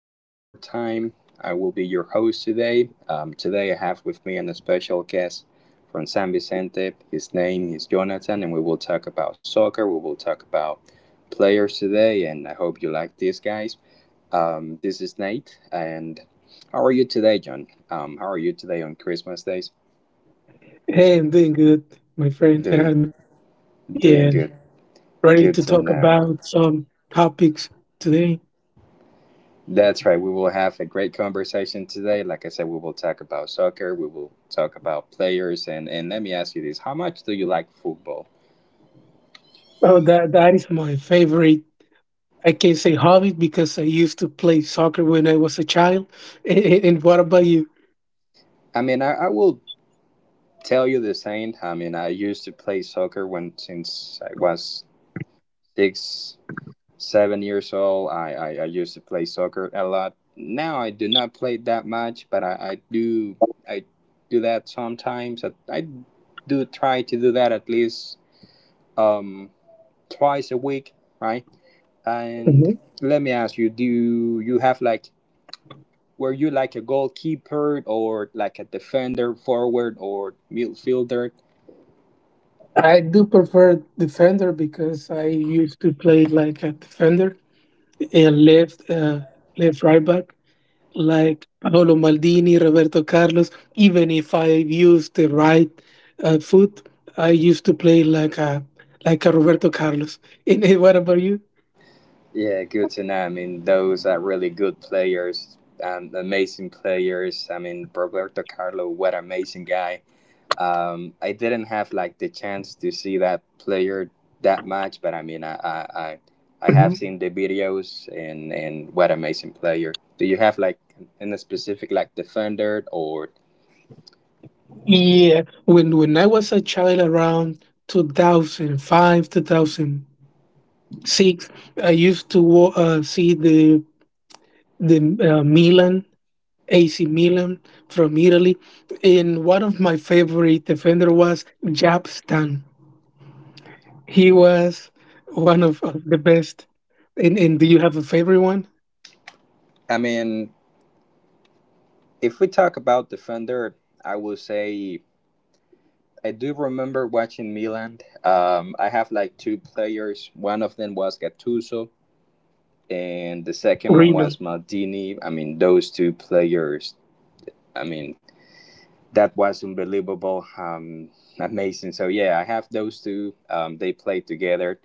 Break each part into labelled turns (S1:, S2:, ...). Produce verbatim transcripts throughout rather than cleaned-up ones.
S1: us one more time. I will be your host today. Um, today, I have with me an special guest from San Vicente. His name is Jonathan, and we will talk about soccer. We will talk about players today, and I hope you like this, guys. Um, this is Nate, and how are you today, John? Um, how are you today on Christmas days?
S2: Hey, I'm doing good, my friend
S1: Doing,
S2: Gerardo.
S1: doing
S2: Yeah,
S1: good.
S2: ready
S1: Good
S2: to
S1: to
S2: talk
S1: know.
S2: about some topics today.
S1: That's right. We will have a great conversation today. Like I said, we will talk about soccer. We will talk about players. And, and let me ask you this, how much do you like football?
S2: Oh, that that is my favorite. I can say hobby because I used to play soccer when I was a child. And, and what about you?
S1: I mean, I, I will tell you the same. I mean, I used to play soccer when since I was six, seven years old. I, I, I used to play soccer a lot. Now I do not play that much, but I, I do I do that sometimes. I, I do try to do that at least um, twice a week, right? And let me ask you, do you have like, were you like a goalkeeper or like a defender, forward or midfielder?
S2: I do prefer defender because I used to play like a defender and left uh, left right back like Paolo Maldini, Roberto Carlos. Even if I used the right uh, foot, I used to play like a like a Roberto Carlos. And eh, what about you?
S1: Yeah, good to know. I mean, those are really good players, um, amazing players. I mean, Roberto Carlos, what an amazing guy. Um, I didn't have like the chance to see that player that much, but I mean, I, I, I I
S2: Hmm.
S1: have seen the videos and and what amazing player. Do you have like in a specific like defender or
S2: Yeah, when when I was a child around two thousand five, two thousand six, I used to wa- uh, see the the uh, Milan A C Milan from Italy, and one of my favorite defender was Jap Stan. He was one of, of the best. And and do you have a favorite one?
S1: I mean, if we talk about defender, I will say I do remember watching Milan. Um, I have like two players. One of them was Gattuso, and the second one
S2: Reno.
S1: was Maldini. I mean, those two players. I mean, that was unbelievable, um, amazing. So yeah, I have those two. Um, they played together,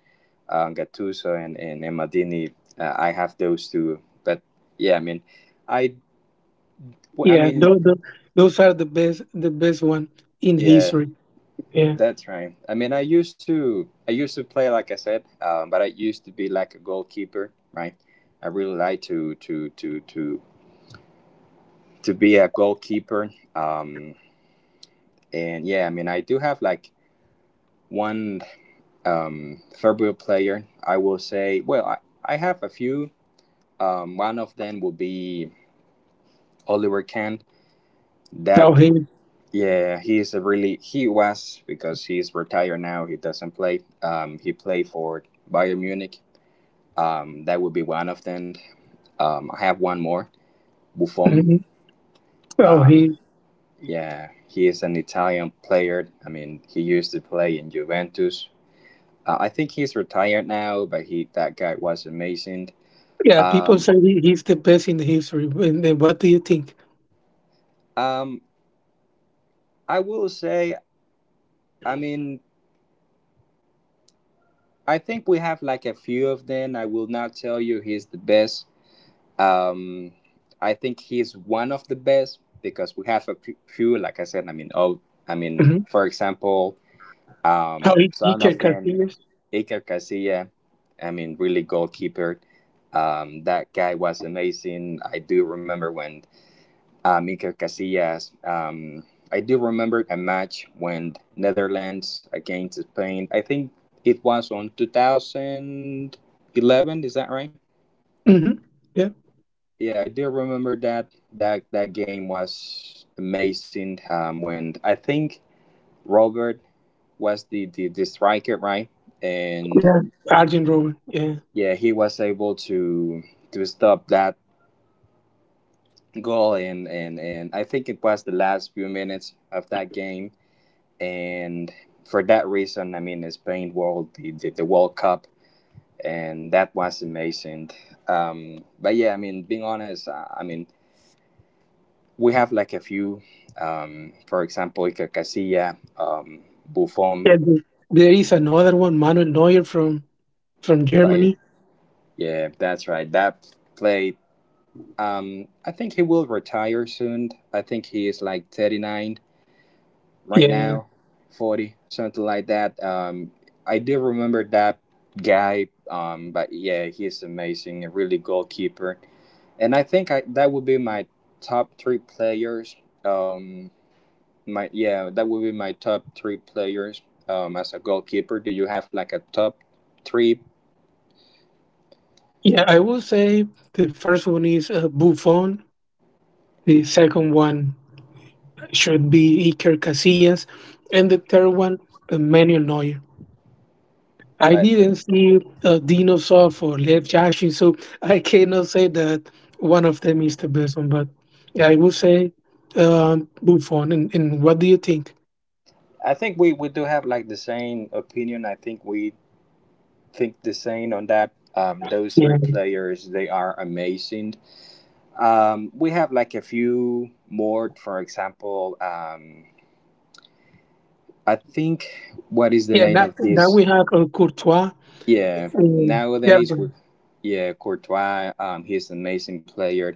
S1: um, Gattuso and and, and Maldini. Uh, I have those two. But yeah, I mean, I I
S2: Yeah,
S1: mean,
S2: those, those are the best, the best one in
S1: yeah.
S2: history. Yeah.
S1: That's right. I mean, I used to, I used to play, like I said, um, but I used to be like a goalkeeper, right? I really like to, to, to, to, to be a goalkeeper. Um, and yeah, I mean, I do have like one um, favorite player. I will say, well, I, I have a few. Um, one of them will be Oliver Kahn. That,
S2: So he,
S1: yeah, he's a really, he was, because he's retired now. He doesn't play. Um, he played for Bayern Munich. Um, that would be one of them. Um, I have one more, Buffon.
S2: mhm, so
S1: Um,
S2: he,
S1: yeah, he is an Italian player. I mean, he used to play in Juventus. Uh, I think he's retired now, but he, that guy was amazing.
S2: yeah. People
S1: Um,
S2: say he, he's the best in the history. And then what do you think?
S1: um, I will say, I mean, I think we have like a few of them. I will not tell you he's the best. Um, I think he's one of the best because we have a p- few, like I said. I mean, oh, I mean,
S2: Hmm.
S1: for example.
S2: How
S1: Um,
S2: he, he
S1: son
S2: can
S1: of them,
S2: Casillas?
S1: Iker Casilla, I mean, really goalkeeper. Um, that guy was amazing. I do remember when um, Iker Casillas. Um, I do remember a match when Netherlands against Spain. I think it was on two thousand eleven. Is that right?
S2: Hmm. Yeah.
S1: Yeah, I do remember that. That that game was amazing. Um, when I think Robert was the, the, the striker, right? And
S2: Yeah. Arjen Robben. Yeah.
S1: yeah, he was able to to stop that goal, and and and I think it was the last few minutes of that game, and for that reason, I mean, Spain world the the, the World Cup, and that was amazing. Um, but yeah, I mean, being honest, uh, I mean, we have like a few, um, for example, Iker Casilla, um, Buffon,
S2: Yeah, th- there is another one, Manuel Neuer from from
S1: by
S2: Germany.
S1: yeah, that's right, that played. Um, I think he will retire soon. I think he is like thirty-nine right
S2: Yeah,
S1: now, forty, something like that. Um, I do remember that guy, um, but yeah, he's amazing, a really goalkeeper. And I think, I, that would be my top three players. Um, my yeah, that would be my top three players. Um, as a goalkeeper, do you have like a top three?
S2: yeah. I will say the first one is uh, Buffon. The second one should be Iker Casillas, and the third one uh, Manuel Neuer. I
S1: I think
S2: didn't see uh, Dino Soft or Lev Yashin, so I cannot say that one of them is the best one. But yeah, I would say um, Buffon. And, and what do you think?
S1: I think we, we do have like the same opinion. I think we think the same on that. Um, those three
S2: Yeah,
S1: players, they are amazing. Um, we have like a few more, for example, um, I think what is the
S2: yeah.
S1: name
S2: Now,
S1: of
S2: now
S1: this?
S2: we have uh, Courtois.
S1: Yeah,
S2: And, yeah,
S1: nowadays we, yeah, Courtois, um, he's an amazing player.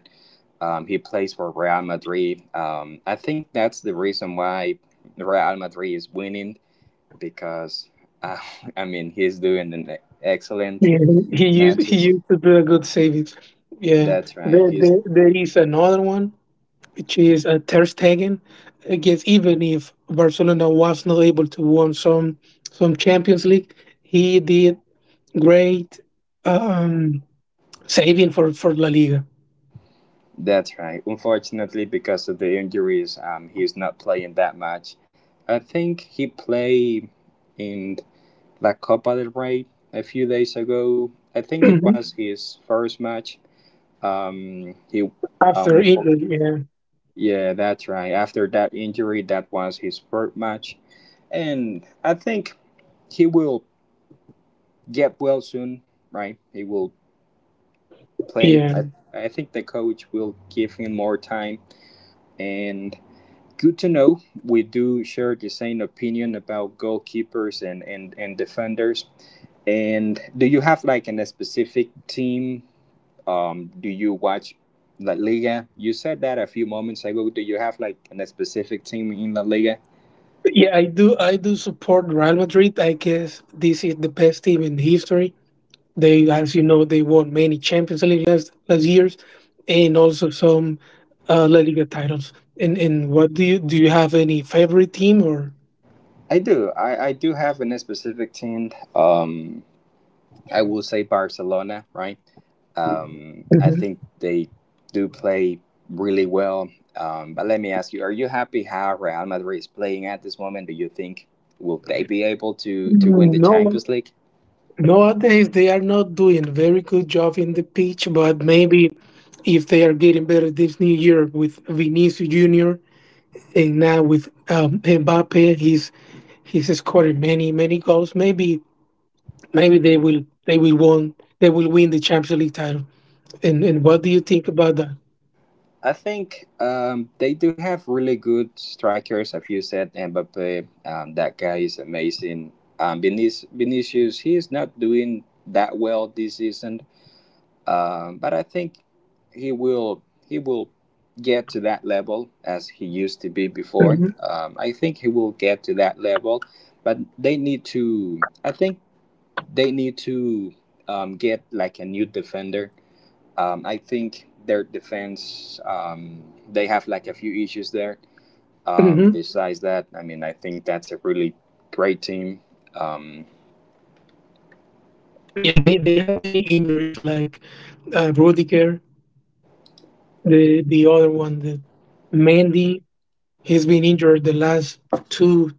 S1: Um, he plays for Real Madrid. Um, I think that's the reason why Real Madrid is winning because uh, I mean he's doing an excellent
S2: yeah, he used he
S1: matches.
S2: used to do a good savings. Yeah,
S1: That's right.
S2: there,
S1: He's,
S2: there, there is another one which is a Ter Stegen. I guess even if Barcelona was not able to win some some Champions League, he did great um, saving for for La Liga.
S1: that's right. Unfortunately, because of the injuries, um, he's not playing that much. I think he played in La Copa del Rey a few days ago. I think it
S2: Hmm.
S1: was his first match. Um, he, um,
S2: After
S1: unfor-
S2: injury, yeah,
S1: yeah, that's right. After that injury, that was his first match, and I think he will get well soon. Right, he will play.
S2: yeah,
S1: I, I think the coach will give him more time, and good to know. We do share the same opinion about goalkeepers and, and, and defenders. And do you have like an, a specific team? Um, do you watch La Liga? You said that a few moments ago. Do you have like an, a specific team in La Liga?
S2: yeah. I do I do support Real Madrid. I guess this is the best team in history. They, as you know, they won many Champions League last last years, and also some uh, La Liga titles. And and what do you do? You have any favorite team or?
S1: I do. I, I do have an, a specific team. Um, I will say Barcelona, right? Um, I
S2: Mhm.
S1: think they do play really well. Um, but let me ask you: are you happy how Real Madrid is playing at this moment? Do you think will they be able to to win the
S2: No,
S1: Champions League?
S2: nowadays they are not doing a very good job in the pitch, but maybe if they are getting better this new year with Vinicius Junior and now with um, Mbappe, he's he's scoring many many goals. Maybe maybe they will they will won they will win the Champions League. Title. And and what do you think about that?
S1: I think um, they do have really good strikers. As you said, Mbappe, um, that guy is amazing. Um, Vinic- Vinicius, he is not doing that well this season. Um, but I think he will he will get to that level as he used to be before.
S2: Hmm.
S1: Um, I think he will get to that level, but they need to. I think they need to um, get like a new defender. Um, I think their defense, um, they have like a few issues there. Um,
S2: Hmm.
S1: besides that, I mean, I think that's a really great team. Um,
S2: Yeah, they they have many injuries like uh, Rudiger, the the other one, the Mandy. He's been injured the last two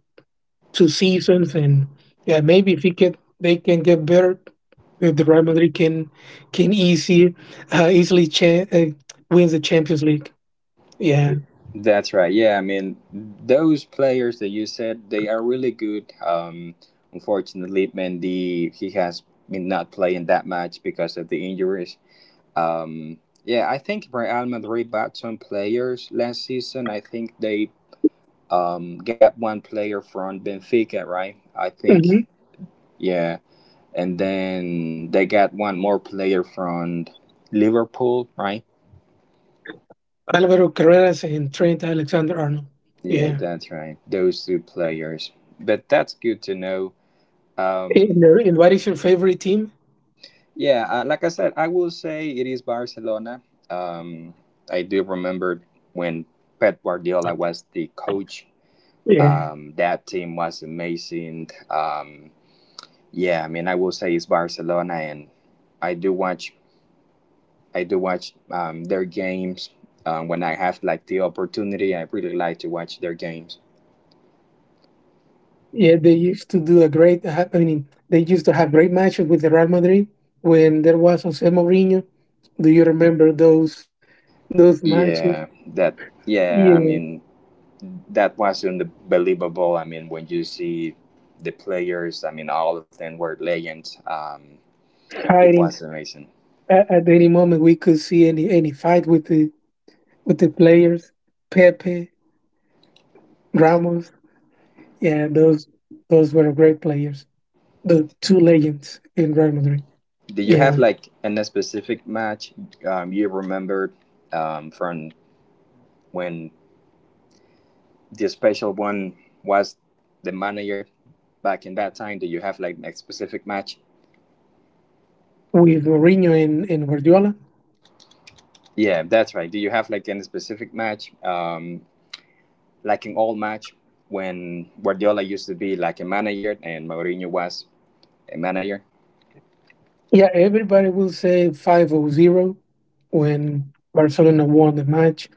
S2: two seasons, and yeah, maybe if he can, they can get better. If the Real Madrid can can easy uh, easily cha- uh, wins the Champions League. Yeah,
S1: That's right. Yeah, I mean, those players that you said they are really good. Um, unfortunately, Mendy he has been not playing that much because of the injuries. Um, yeah, I think Real Madrid bought some players last season. I think they um got one player from Benfica, right? I
S2: hmm,
S1: think, yeah, and then they got one more player from Liverpool, right?
S2: Alvaro Carreras and Trent Alexander Arnold.
S1: Yeah,
S2: Yeah,
S1: that's right. Those two players. But that's good to know. Um,
S2: and, uh, and what is your favorite team?
S1: yeah, uh, like I said, I will say it is Barcelona. Um, I do remember when Pep Guardiola was the coach.
S2: Yeah.
S1: Um, that team was amazing. Um, yeah, I mean, I will say it's Barcelona, and I do watch. I do watch um, their games um, when I have like the opportunity. I really like to watch their games.
S2: Yeah, they used to do a great. ha- I mean, they used to have great matches with the Real Madrid when there was Jose Mourinho. Do you remember those those matches?
S1: Yeah, that. Yeah, I
S2: Yeah,
S1: mean, that was unbelievable. I mean, when you see the players, I mean, all of them were legends. Um, it
S2: fighting
S1: was amazing.
S2: at, at any moment we could see any any fight with the with the players. Pepe, Ramos. Yeah, those those were great players. The two legends in Real Madrid.
S1: Did you have
S2: Yeah,
S1: like in a specific match um, you remembered um, from when the special one was the manager back in that time? Do you have like a specific match?
S2: with Mourinho and, and Guardiola.
S1: Yeah, that's right. Do you have like any specific match, um, like an old match when Guardiola used to be like a manager and Mourinho was a manager?
S2: Yeah, everybody will say five oh zero when Barcelona won the match,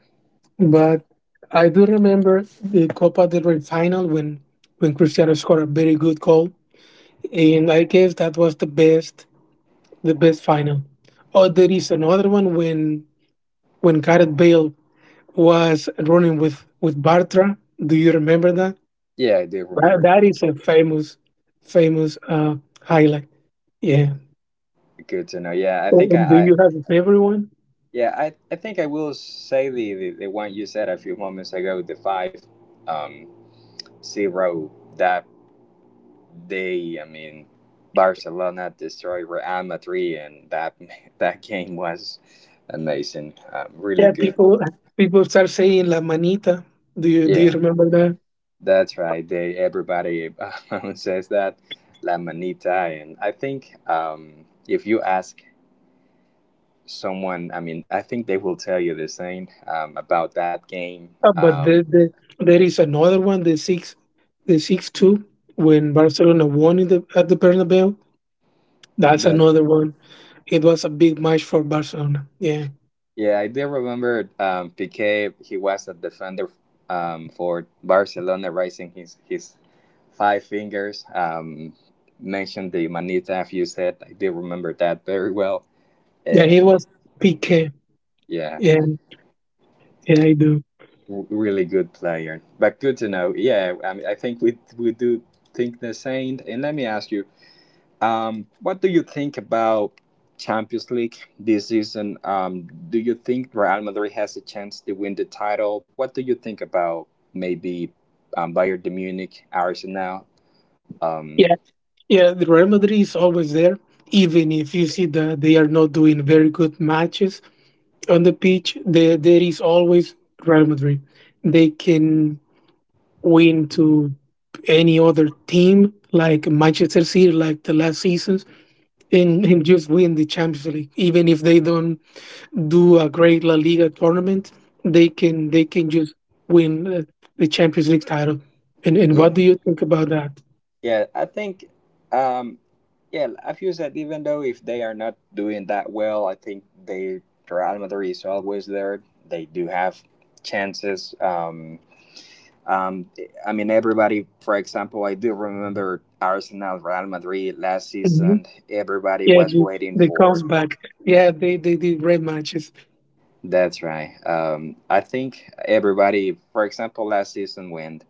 S2: but I do remember the Copa del Rey final when when Cristiano scored a very good goal, and I guess that was the best, the best final. Or there is another one when when Gareth Bale was running with with Bartra. Do you remember that?
S1: Yeah, I do
S2: That,
S1: remember.
S2: that is a famous, famous uh, highlight. Yeah.
S1: Good to know. Yeah, I think
S2: And do
S1: I, I
S2: you have a favorite one?
S1: yeah, I, I think I will say the, the, the one you said a few moments ago, the five um zero that day. I mean, Barcelona destroyed Real Madrid, and that that game was amazing. Um, really
S2: Yeah,
S1: good.
S2: people people start saying La Manita. Do you do you
S1: Yeah,
S2: remember that?
S1: that's right. They, everybody says that La Manita. And I think um if you ask someone, I mean, I think they will tell you the same um, about that game.
S2: Uh, but
S1: um,
S2: the, the, there is another one, the six, the six two, when Barcelona won in the, at the Bernabeu. That's
S1: that,
S2: another one. It was a big match for Barcelona. Yeah,
S1: yeah, I do remember. um, Piquet, he was a defender, um, for Barcelona, raising his his five fingers, um, mentioned the Manita, you said. I do remember that very well.
S2: yeah, it
S1: And
S2: was P K.
S1: yeah,
S2: Yeah, yeah, I do.
S1: w- really good player. But good to know. Yeah, i, mean, I think we we do think the same. And let me ask you, Um, what do you think about Champions League this season? Um, do you think Real Madrid has a chance to win the title? What do you think about maybe um, Bayern de Munich, Arsenal? Um,
S2: Yeah, yeah. The Real Madrid is always there, even if you see that they are not doing very good matches on the pitch. There, there is always Real Madrid. They can win to any other team like Manchester City, like the last seasons, and, and just win the Champions League, even if they don't do a great La Liga tournament, they can they can just win uh, the Champions League title. And and what
S1: yeah,
S2: do you think about that?
S1: yeah, I think, um, yeah, I feel that even though if they are not doing that well, I think they Real Madrid is always there. They do have chances. Um, Um, I mean, everybody, for example, I do remember Arsenal, Real Madrid last
S2: Mhm.
S1: season. Everybody
S2: Yeah,
S1: was
S2: the,
S1: waiting
S2: the
S1: for.
S2: comes back. Yeah, they, they did great matches.
S1: That's right. Um, I think everybody, for example, last season when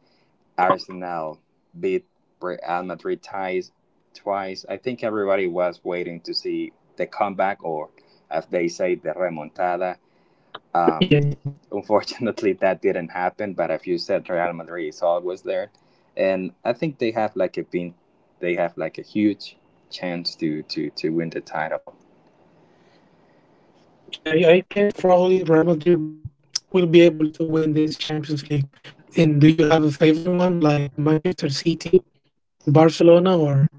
S1: Arsenal beat Real Madrid twice, twice, I think everybody was waiting to see the comeback or, as they say, the remontada.
S2: Yeah,
S1: Um, Unfortunately, that didn't happen. But as you said, Real Madrid is always there, and I think they have like a been, they have like a huge chance to to to win the title.
S2: yeah, I guess probably Real Madrid will will be able to win this Champions League. And do you have a favorite one, like Manchester City, Barcelona, or?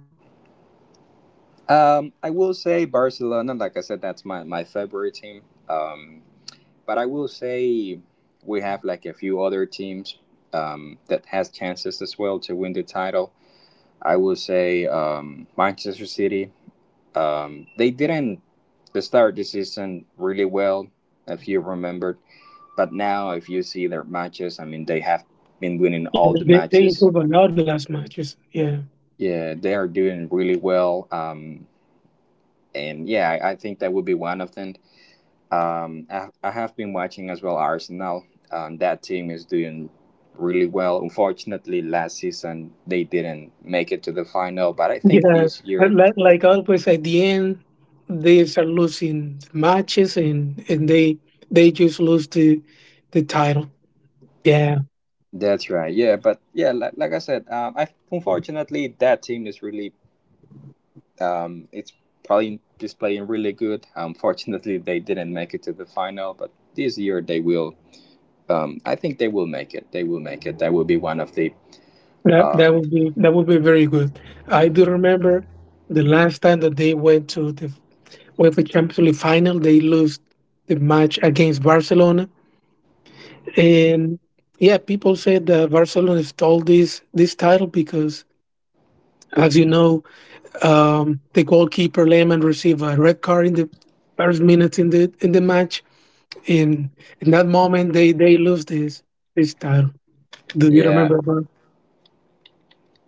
S1: Um, I will say Barcelona. Like I said, that's my my favorite team. Um, but I will say we have like a few other teams um, that has chances as well to win the title. I will say um, Manchester City. Um, they didn't start the season really well, if you remembered. But now, if you see their matches, I mean, they have been winning all
S2: Yeah,
S1: the
S2: they they
S1: matches.
S2: improve a lot the last matches. Yeah,
S1: Yeah, they are doing really well. Um, and yeah, I, I think that would be one of them. Um, I, I have been watching as well Arsenal. Um, that team is doing really well. Unfortunately, last season they didn't make it to the final, but I think
S2: yeah.
S1: this
S2: But
S1: year.
S2: Like, like always, at the end, they start losing matches, and and they they just lose the the title. Yeah,
S1: That's right. Yeah, but yeah, like, like I said, um, I unfortunately that team is really um, it's probably just playing really good. Unfortunately, they didn't make it to the final, but this year they will. Um, I think they will make it. They will make it. They will be one of the.
S2: that that
S1: Um,
S2: would be, that would be very good. I do remember the last time that they went to the with the Champions League final. They lost the match against Barcelona, and yeah, people said that Barcelona stole this this title because, as you know, um, the goalkeeper Lehmann received a red card in the first minutes in the in the match. And in that moment, they they lose this this title. Do you
S1: yeah,
S2: remember? About?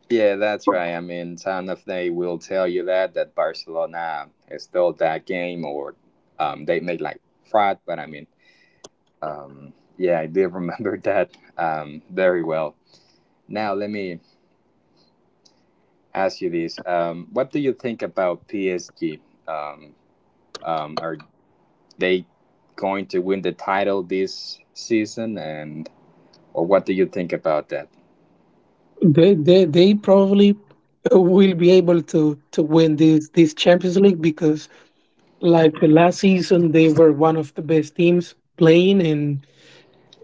S1: yeah, that's right. I mean, some of they will tell you that that Barcelona stole that game, or um, they made like fraud. But I mean, um, yeah, I do remember that um, very well. Now let me ask you this. Um, what do you think about P S G? Um, um, are they going to win the title this season, and or what do you think about that?
S2: They they they probably will be able to to win this this Champions League because like last season, they were one of the best teams playing, and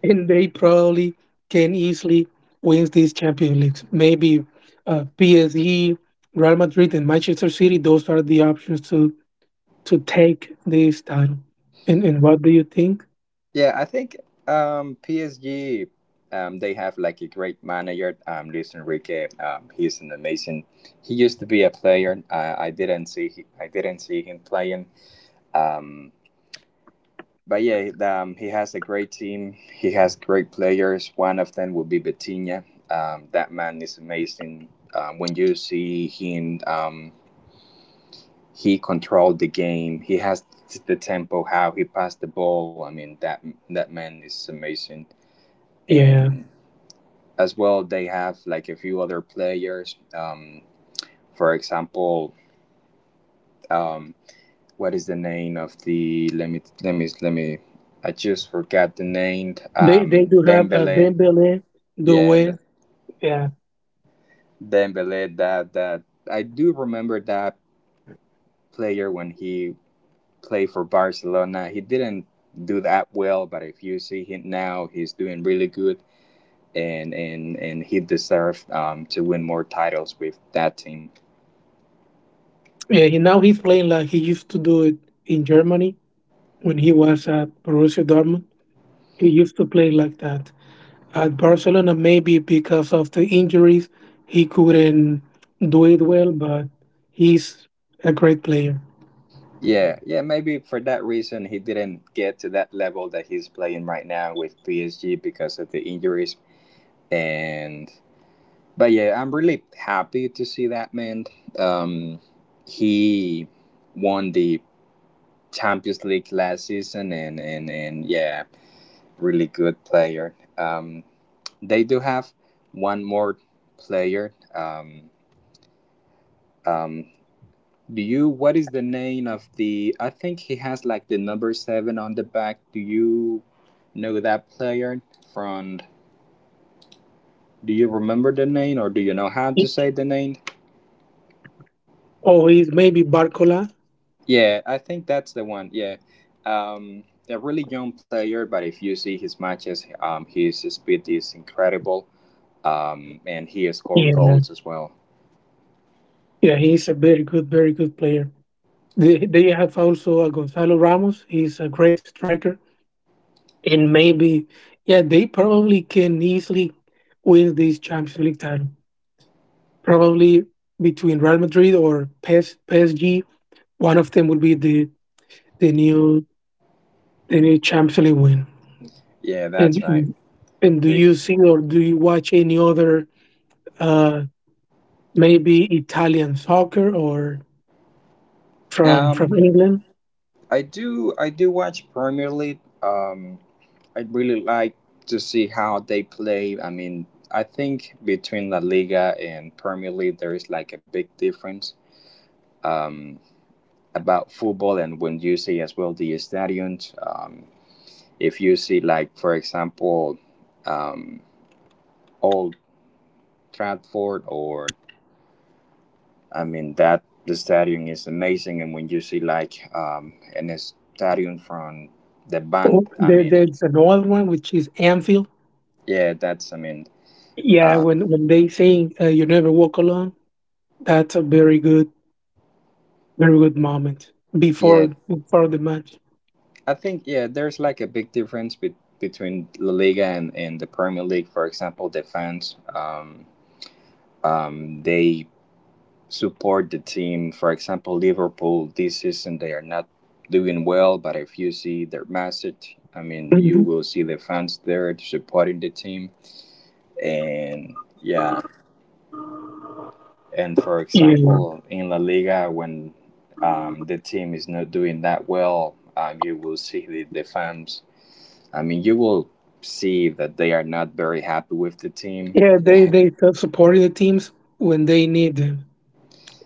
S2: and they probably can easily win these Champions Leagues. Maybe uh, P S G, Real Madrid, and Manchester City. Those are the options to to take this title. And and what do you think?
S1: Yeah, I think um, P S G. Um, they have like a great manager, um, Luis Enrique. Um, he's an amazing. He used to be a player. I, I didn't see. He, I didn't see him playing. Um, but yeah, um, he has a great team. He has great players. One of them will be Bettina. Um, that man is amazing. Um, when you see him, um, he controlled the game. He has the tempo, how he passed the ball. I mean, that that man is amazing.
S2: Yeah,
S1: And as well, they have like a few other players. Um, for example, um, what is the name of the? Let me let me let me. I just forgot the name.
S2: they they
S1: Um,
S2: do have uh,
S1: Dembele.
S2: Dembele,
S1: Yeah,
S2: Doué.
S1: the
S2: Yeah,
S1: Dembele. That that I do remember that player when he played for Barcelona. He didn't do that well, but if you see him now, he's doing really good, and and and he deserves um to win more titles with that team.
S2: yeah. He, now he's playing like he used to do it in Germany when he was at Borussia Dortmund. He used to play like that. At Barcelona, maybe because of the injuries, he couldn't do it well, but he's a great player.
S1: Yeah, yeah, maybe for that reason he didn't get to that level that he's playing right now with P S G because of the injuries. And but yeah, I'm really happy to see that man. Um, he won the Champions League last season, and and and yeah, really good player. Um, they do have one more player. Um, um, do you? What is the name of the? I think he has like the number seven on the back. Do you know that player? From? Do you remember the name, or do you know how to say the name?
S2: Oh, he's maybe Barcola.
S1: Yeah, I think that's the one. Yeah, um, a really young player, but if you see his matches, um, his speed is incredible, um, and he has scored
S2: Yeah,
S1: goals as well.
S2: yeah, he's a very good, very good player. They, they have also a Gonzalo Ramos. He's a great striker, and maybe yeah, they probably can easily win this Champions League title. Probably between Real Madrid or PS, P S G, one of them will be the the new the new Champions League win.
S1: Yeah,
S2: And
S1: that's right.
S2: mm, and do
S1: They,
S2: you see or do you watch any other uh, maybe Italian soccer or from
S1: um,
S2: from England?
S1: I do, I do watch Premier League. Um, I really like to see how they play. I mean, I think between La Liga and Premier League, there is like a big difference. Um, about football and when you see as well the stadiums. Um, If you see, like, for example, um, Old Trafford, or I mean, that the stadium is amazing. And when you see, like, um, an stadium from the band,
S2: Oh,
S1: I
S2: there,
S1: mean,
S2: there's another one which is Anfield.
S1: yeah, that's, I mean,
S2: Yeah,
S1: uh,
S2: when when they sing uh, "You Never Walk Alone," that's a very good, very good moment before
S1: yeah,
S2: before the match.
S1: I think, yeah, there's like a big difference be- between La Liga and, and the Premier League. For example, the fans, um, um, they support the team. For example, Liverpool this season they are not doing well, but if you see their message, I mean, you
S2: Mhm.
S1: will see the fans there supporting the team, and yeah, and for
S2: Yeah,
S1: example, in La Liga when um, the team is not doing that well, um, you will see the, the fans. I mean, you will see that they are not very happy with the team.
S2: yeah, they they su- supporting the teams when they need them.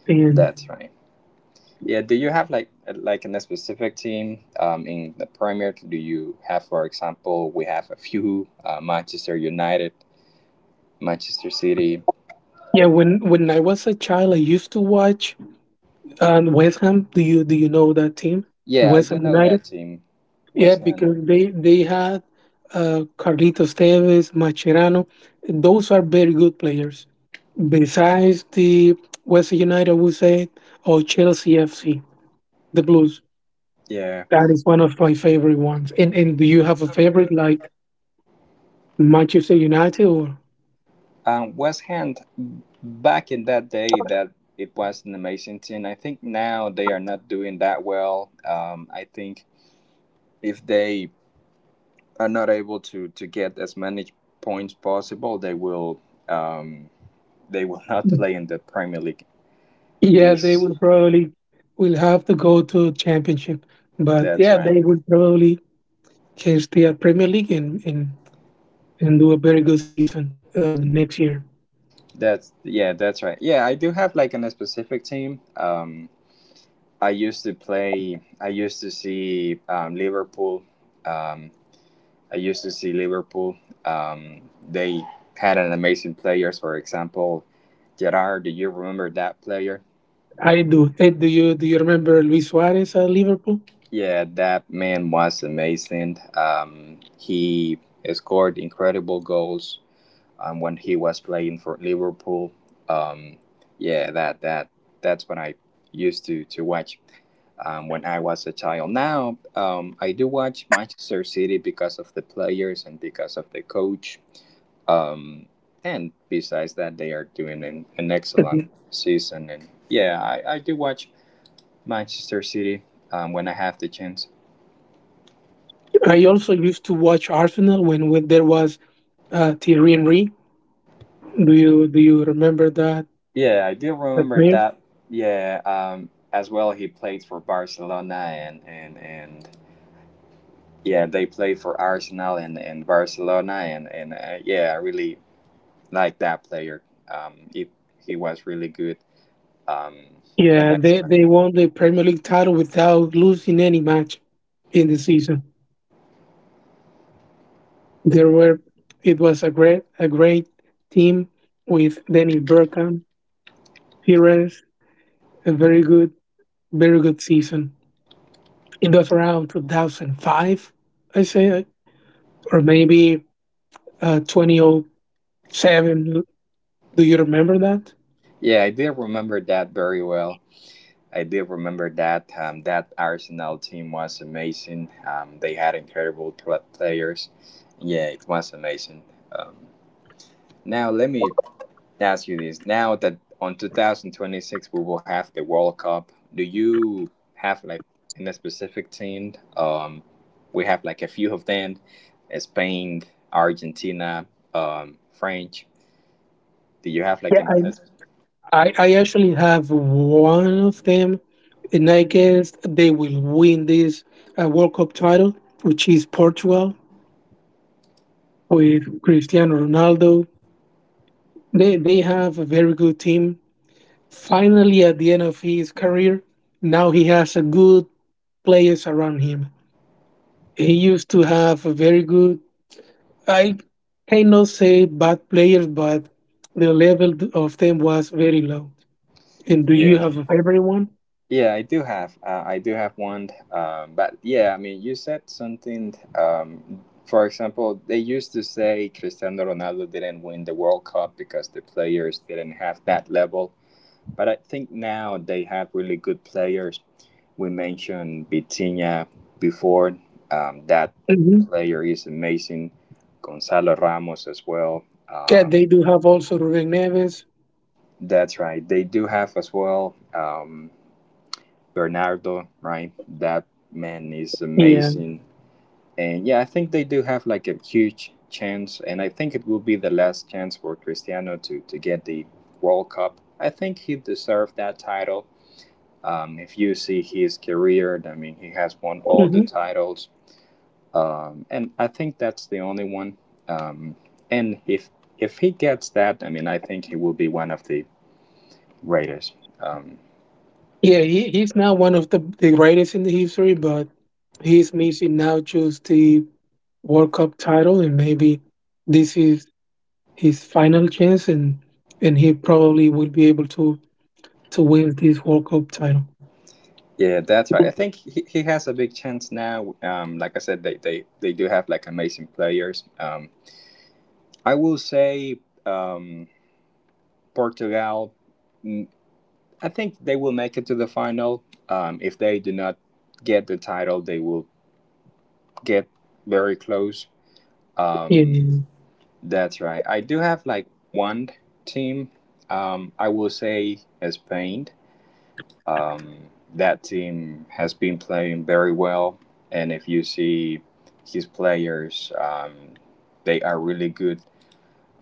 S2: And
S1: That's right. Yeah, do you have like like in a specific team um, in the Premier? Do you have, for example, we have a few uh, Manchester United, Manchester City.
S2: yeah, when when I was a child, I used to watch. And West Ham, do you do you know that team?
S1: Yeah, I
S2: West
S1: do
S2: Ham
S1: know
S2: United?
S1: that team,
S2: Yeah,
S1: West Ham.
S2: because they they had uh, Carlitos Tevez, Macherano. Those are very good players. Besides the West Ham United, we say, or Chelsea F C, the Blues.
S1: Yeah,
S2: That is one of my favorite ones. And and do you have a favorite like Manchester United or?
S1: um, West Ham. Back in that day, that it was an amazing team. I think now they are not doing that well. Um, I think if they are not able to to get as many points possible, they will. Um, they will not play in the Premier League
S2: Yeah, they
S1: this.
S2: will probably will have to go to championship, but
S1: That's
S2: yeah,
S1: right.
S2: they will probably can stay at Premier League and and and do a very good season uh, the next year.
S1: That's yeah, that's right. Yeah, I do have like on a specific team. um i used to play I used to see um, Liverpool. um I used to see Liverpool. um they had an amazing players, for example, Gerard. Do you remember that player?
S2: I do. And do you do you remember Luis Suarez at Liverpool?
S1: Yeah, that man was amazing. Um he scored incredible goals um, when he was playing for Liverpool. Um, yeah, that that that's when I used to to watch um, when I was a child. Now um, I do watch Manchester City because of the players and because of the coach. Um, and besides that, they are doing an, an excellent
S2: Mhm.
S1: season. And yeah, I, I do watch Manchester City um, when I have the chance.
S2: I also used to watch Arsenal when, when there was uh, Thierry Henry. Do you do you remember that?
S1: Yeah, I do
S2: That
S1: remember
S2: player?
S1: that. Yeah, um, as well, he played for Barcelona and and and yeah, they play for Arsenal and, and Barcelona, and and uh, yeah, I really like that player. Um, he he was really good, um, and
S2: Yeah, they,
S1: excellent.
S2: they won the Premier League title without losing any match in the season. There were it was a great, a great team with Dennis Bergkamp, Pires, a very good, very good season. It was around two thousand five, I say, or maybe uh, twenty oh seven. Do you remember that?
S1: Yeah, I did remember that very well. I did remember that um, that Arsenal team was amazing. Um, they had incredible pl- players. Yeah, it was amazing. Um, Now let me ask you this now that on two thousand twenty-six we will have the World Cup. Do you have like in a specific team? Um, we have like a few of them: uh, Spain, Argentina, um, French. Do you have like an? A-
S2: Yeah,
S1: s-
S2: I, I, I actually have one of them, and I guess they will win this uh, World Cup title, which is Portugal with Cristiano Ronaldo. They they have a very good team. Finally, at the end of his career, now he has a good players around him. He used to have a very good. I cannot say bad players, but the level of them was very low. And do
S1: yeah,
S2: you have a favorite one?
S1: yeah, I do have. Uh, I do have one. Um, but yeah, I mean, you said something. Um, for example, they used to say Cristiano Ronaldo didn't win the World Cup because the players didn't have that level. But I think now they have really good players. We mentioned Vitinha before. Um, that
S2: Mm-hmm.
S1: player is amazing. Gonzalo Ramos as well.
S2: Yeah,
S1: Um,
S2: they do have also Ruben Neves.
S1: that's right. They do have as well um, Bernardo, right? That man is
S2: Yeah.
S1: amazing. And yeah, I think they do have like a huge chance. And I think it will be the last chance for Cristiano to, to get the World Cup. I think he deserved that title. Um, if you see his career, I mean, he has won all the
S2: Hmm.
S1: titles, um, and I think that's the only one. Um, and if if he gets that, I mean, I think he will be one of the greatest. Um,
S2: Yeah, he, he's not one of the, the greatest in the history, but he's missing now just the World Cup title, and maybe this is his final chance, and and he probably will be able to to win this World Cup title.
S1: yeah, that's right. I think he, he has a big chance now. Um, like I said, they, they, they do have like amazing players. Um, I will say um, Portugal. Mm, I think they will make it to the final. Um, if they do not get the title, they will get very close.
S2: Yeah,
S1: Um, that's right. I do have like one team. Um, I will say Spain. Um, that team has been playing very well, and if you see his players, um, they are really good.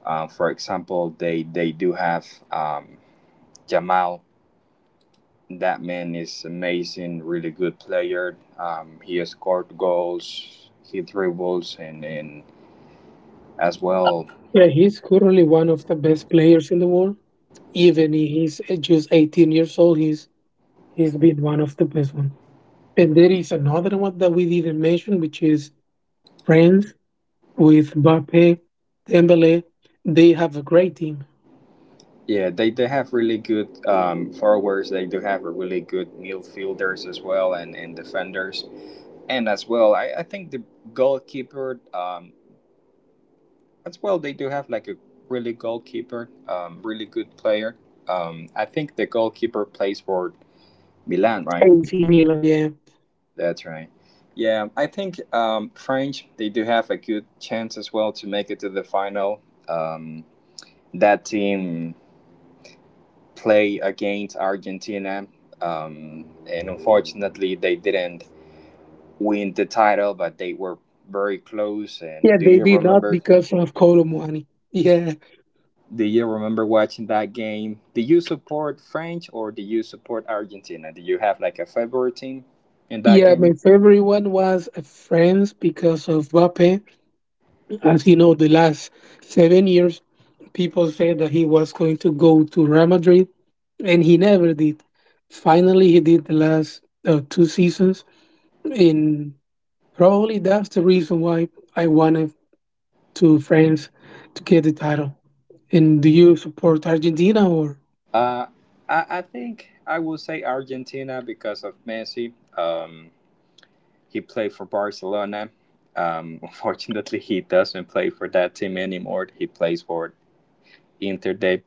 S1: Uh, for example, they they do have um, Jamal. That man is amazing, really good player. Um, he has scored goals, he dribbles, and, and as well.
S2: yeah, he's currently one of the best players in the world, even if he's just eighteen years old, he's he's been one of the best one. And there is another one that we didn't mention, which is France with Mbappe, Dembele. They have a great team.
S1: Yeah, they, they have really good um, forwards. They do have a really good midfielders as well and, and defenders. And as well, I, I think the goalkeeper, um, as well, they do have like a really goalkeeper, um, really good player. Um, I think the goalkeeper plays for Milan, right?
S2: A C Milan, yeah,
S1: That's right. Yeah, I think um, French, they do have a good chance as well to make it to the final. Um, that team play against Argentina. Um, and unfortunately, they didn't win the title, but they were very close.
S2: yeah,
S1: And do
S2: they
S1: you
S2: did not
S1: remember?
S2: because of Colomwani. Yeah,
S1: Do you remember watching that game? Do you support French or do you support Argentina? Do you have like a favorite team in that
S2: yeah. My
S1: game?
S2: favorite one was uh, France because of Mbappe. As you know, the last seven years, people said that he was going to go to Real Madrid and he never did. Finally, he did the last uh, two seasons, and probably that's the reason why I wanted to France to get the title. And do you support Argentina or?
S1: Uh, I, I think I will say Argentina because of Messi. Um, he played for Barcelona. Um, unfortunately, he doesn't play for that team anymore. He plays for Inter de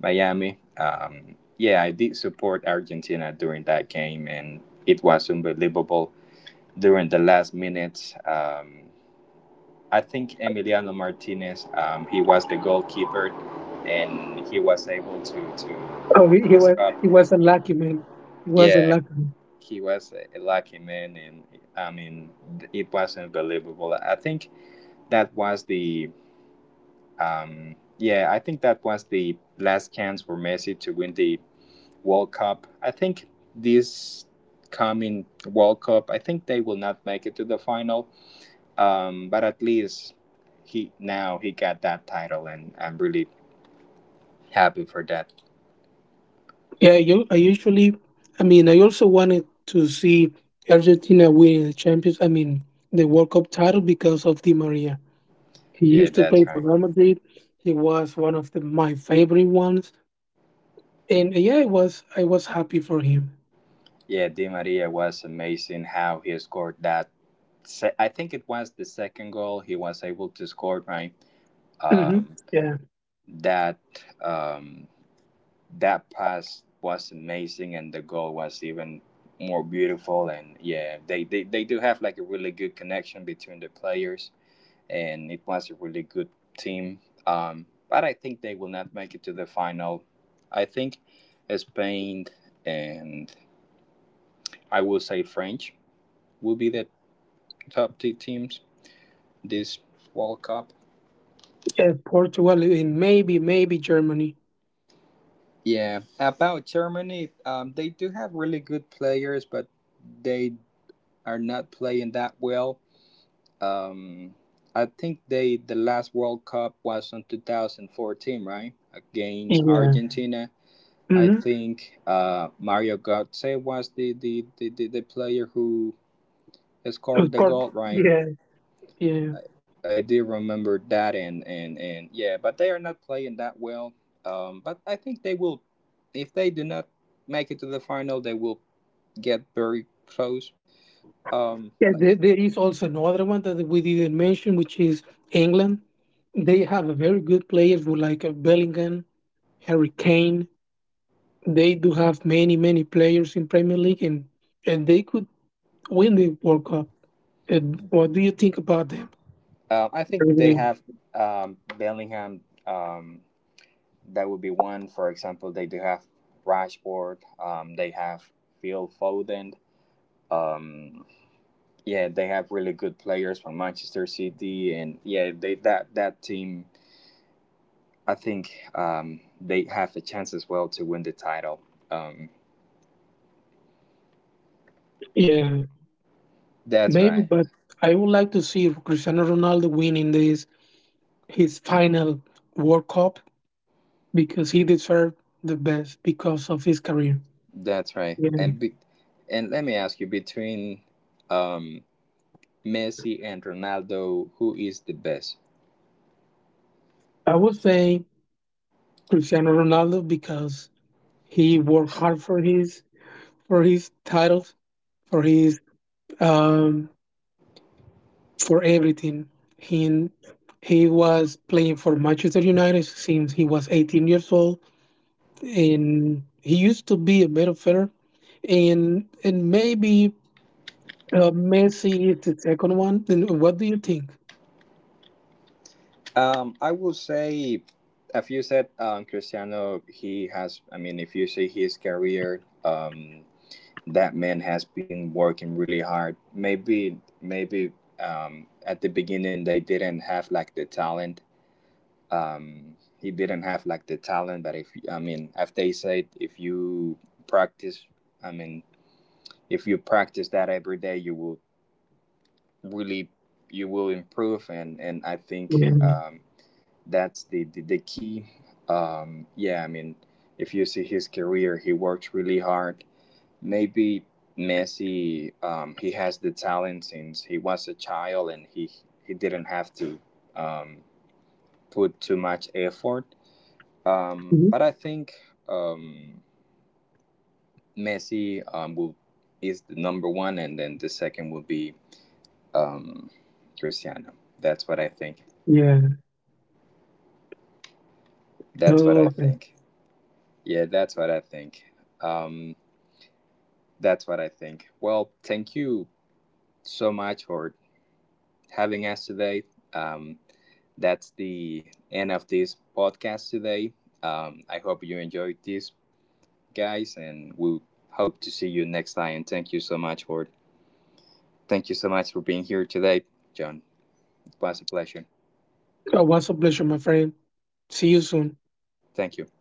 S1: Miami. Um, yeah, I did support Argentina during that game, and it was unbelievable during the last minute. Um, I think Emiliano Martinez, um, he was the goalkeeper, and he was able to
S2: Oh,
S1: to
S2: he, he
S1: to
S2: was,
S1: score.
S2: he was unlucky, man. He was
S1: Yeah,
S2: unlucky.
S1: he was a a lucky man, and I mean, th- it was unbelievable. I think that was the um, yeah, I think that was the last chance for Messi to win the World Cup. I think this coming World Cup, I think they will not make it to the final. Um, but at least he now he got that title, and I'm really happy for that.
S2: Yeah, you, I usually, I mean, I also wanted to see Argentina winning the champions. I mean, the World Cup title because of Di Maria. He
S1: Yeah,
S2: used to play
S1: that's
S2: for
S1: right.
S2: Real Madrid. He was one of the, my favorite ones. And yeah, I was I was happy for him.
S1: Yeah, Di Maria was amazing how he scored that. Se- I think it was the second goal he was able to score, right?
S2: Hmm.
S1: Um,
S2: Yeah,
S1: that um, that pass was amazing and the goal was even more beautiful. And yeah, they, they they do have like a really good connection between the players, and it was a really good team. Um but I think they will not make it to the final. I think Spain and I will say French will be the top two teams this World Cup.
S2: yeah, Portugal and maybe maybe Germany.
S1: Yeah, about Germany, um they do have really good players, but they are not playing that well. Um, I think they the last World Cup was on two thousand fourteen, right? Against
S2: Yeah.
S1: Argentina. I
S2: Mm-hmm.
S1: think uh, Mario Götze was the, the, the, the, the player who scored
S2: Of
S1: the
S2: course.
S1: goal, right?
S2: Yeah, yeah,
S1: I do remember that, and, and, and yeah, but they are not playing that well. Um, but I think they will, if they do not make it to the final, they will get very close. Um,
S2: yeah.
S1: like
S2: There, there is also another one that we didn't mention, which is England. They have a very good players with like a Bellingham, Harry Kane. They do have many many players in Premier League, and and they could win the World Cup. And what do you think about them?
S1: uh, I
S2: Very
S1: think they
S2: good.
S1: have, um, Bellingham. Um, that would be one. For example, they do have Rashford. Um, they have Phil Foden. Um, yeah, they have really good players from Manchester City, and yeah, they that that team. I think um, they have a chance as well to win the title. Um,
S2: Yeah,
S1: that's
S2: maybe,
S1: right.
S2: but I would like to see Cristiano Ronaldo win in this his final World Cup because he deserved the best because of his career.
S1: That's right.
S2: Yeah.
S1: And be, and let me ask you, between um, Messi and Ronaldo, who is the best?
S2: I would say Cristiano Ronaldo because he worked hard for his for his titles, for his um for everything. He he was playing for Manchester United since he was eighteen years old, and he used to be a midfielder and and maybe Uh, Messi is the second one. Then what do you think?
S1: Um, I will say, if you said, um, Cristiano, he has, I mean, if you see his career, um, that man has been working really hard. Maybe, maybe um, at the beginning they didn't have like the talent. Um, he didn't have like the talent, but if I mean, if they said if you practice, I mean, if you practice that every day, you will really, you will improve. And and I think,
S2: Yeah.
S1: Um, that's the the, the key. Um, yeah, I mean, if you see his career, he works really hard. Maybe Messi, um, he has the talent since he was a child, and he he didn't have to um, put too much effort. Um,
S2: Mhm.
S1: but I think um, Messi um, will is the number one, and then the second will be um, Cristiano. That's what I think.
S2: Yeah.
S1: That's what
S2: Oh,
S1: I
S2: okay.
S1: think. Yeah, that's what I think. Um, That's what I think. Well, thank you so much for having us today. Um, that's the end of this podcast today. Um, I hope you enjoyed this, guys, and we hope to see you next time. Thank you so much for thank you so much for being here today, John. It was a pleasure.
S2: Uh, was a pleasure, my friend. See you soon.
S1: Thank you.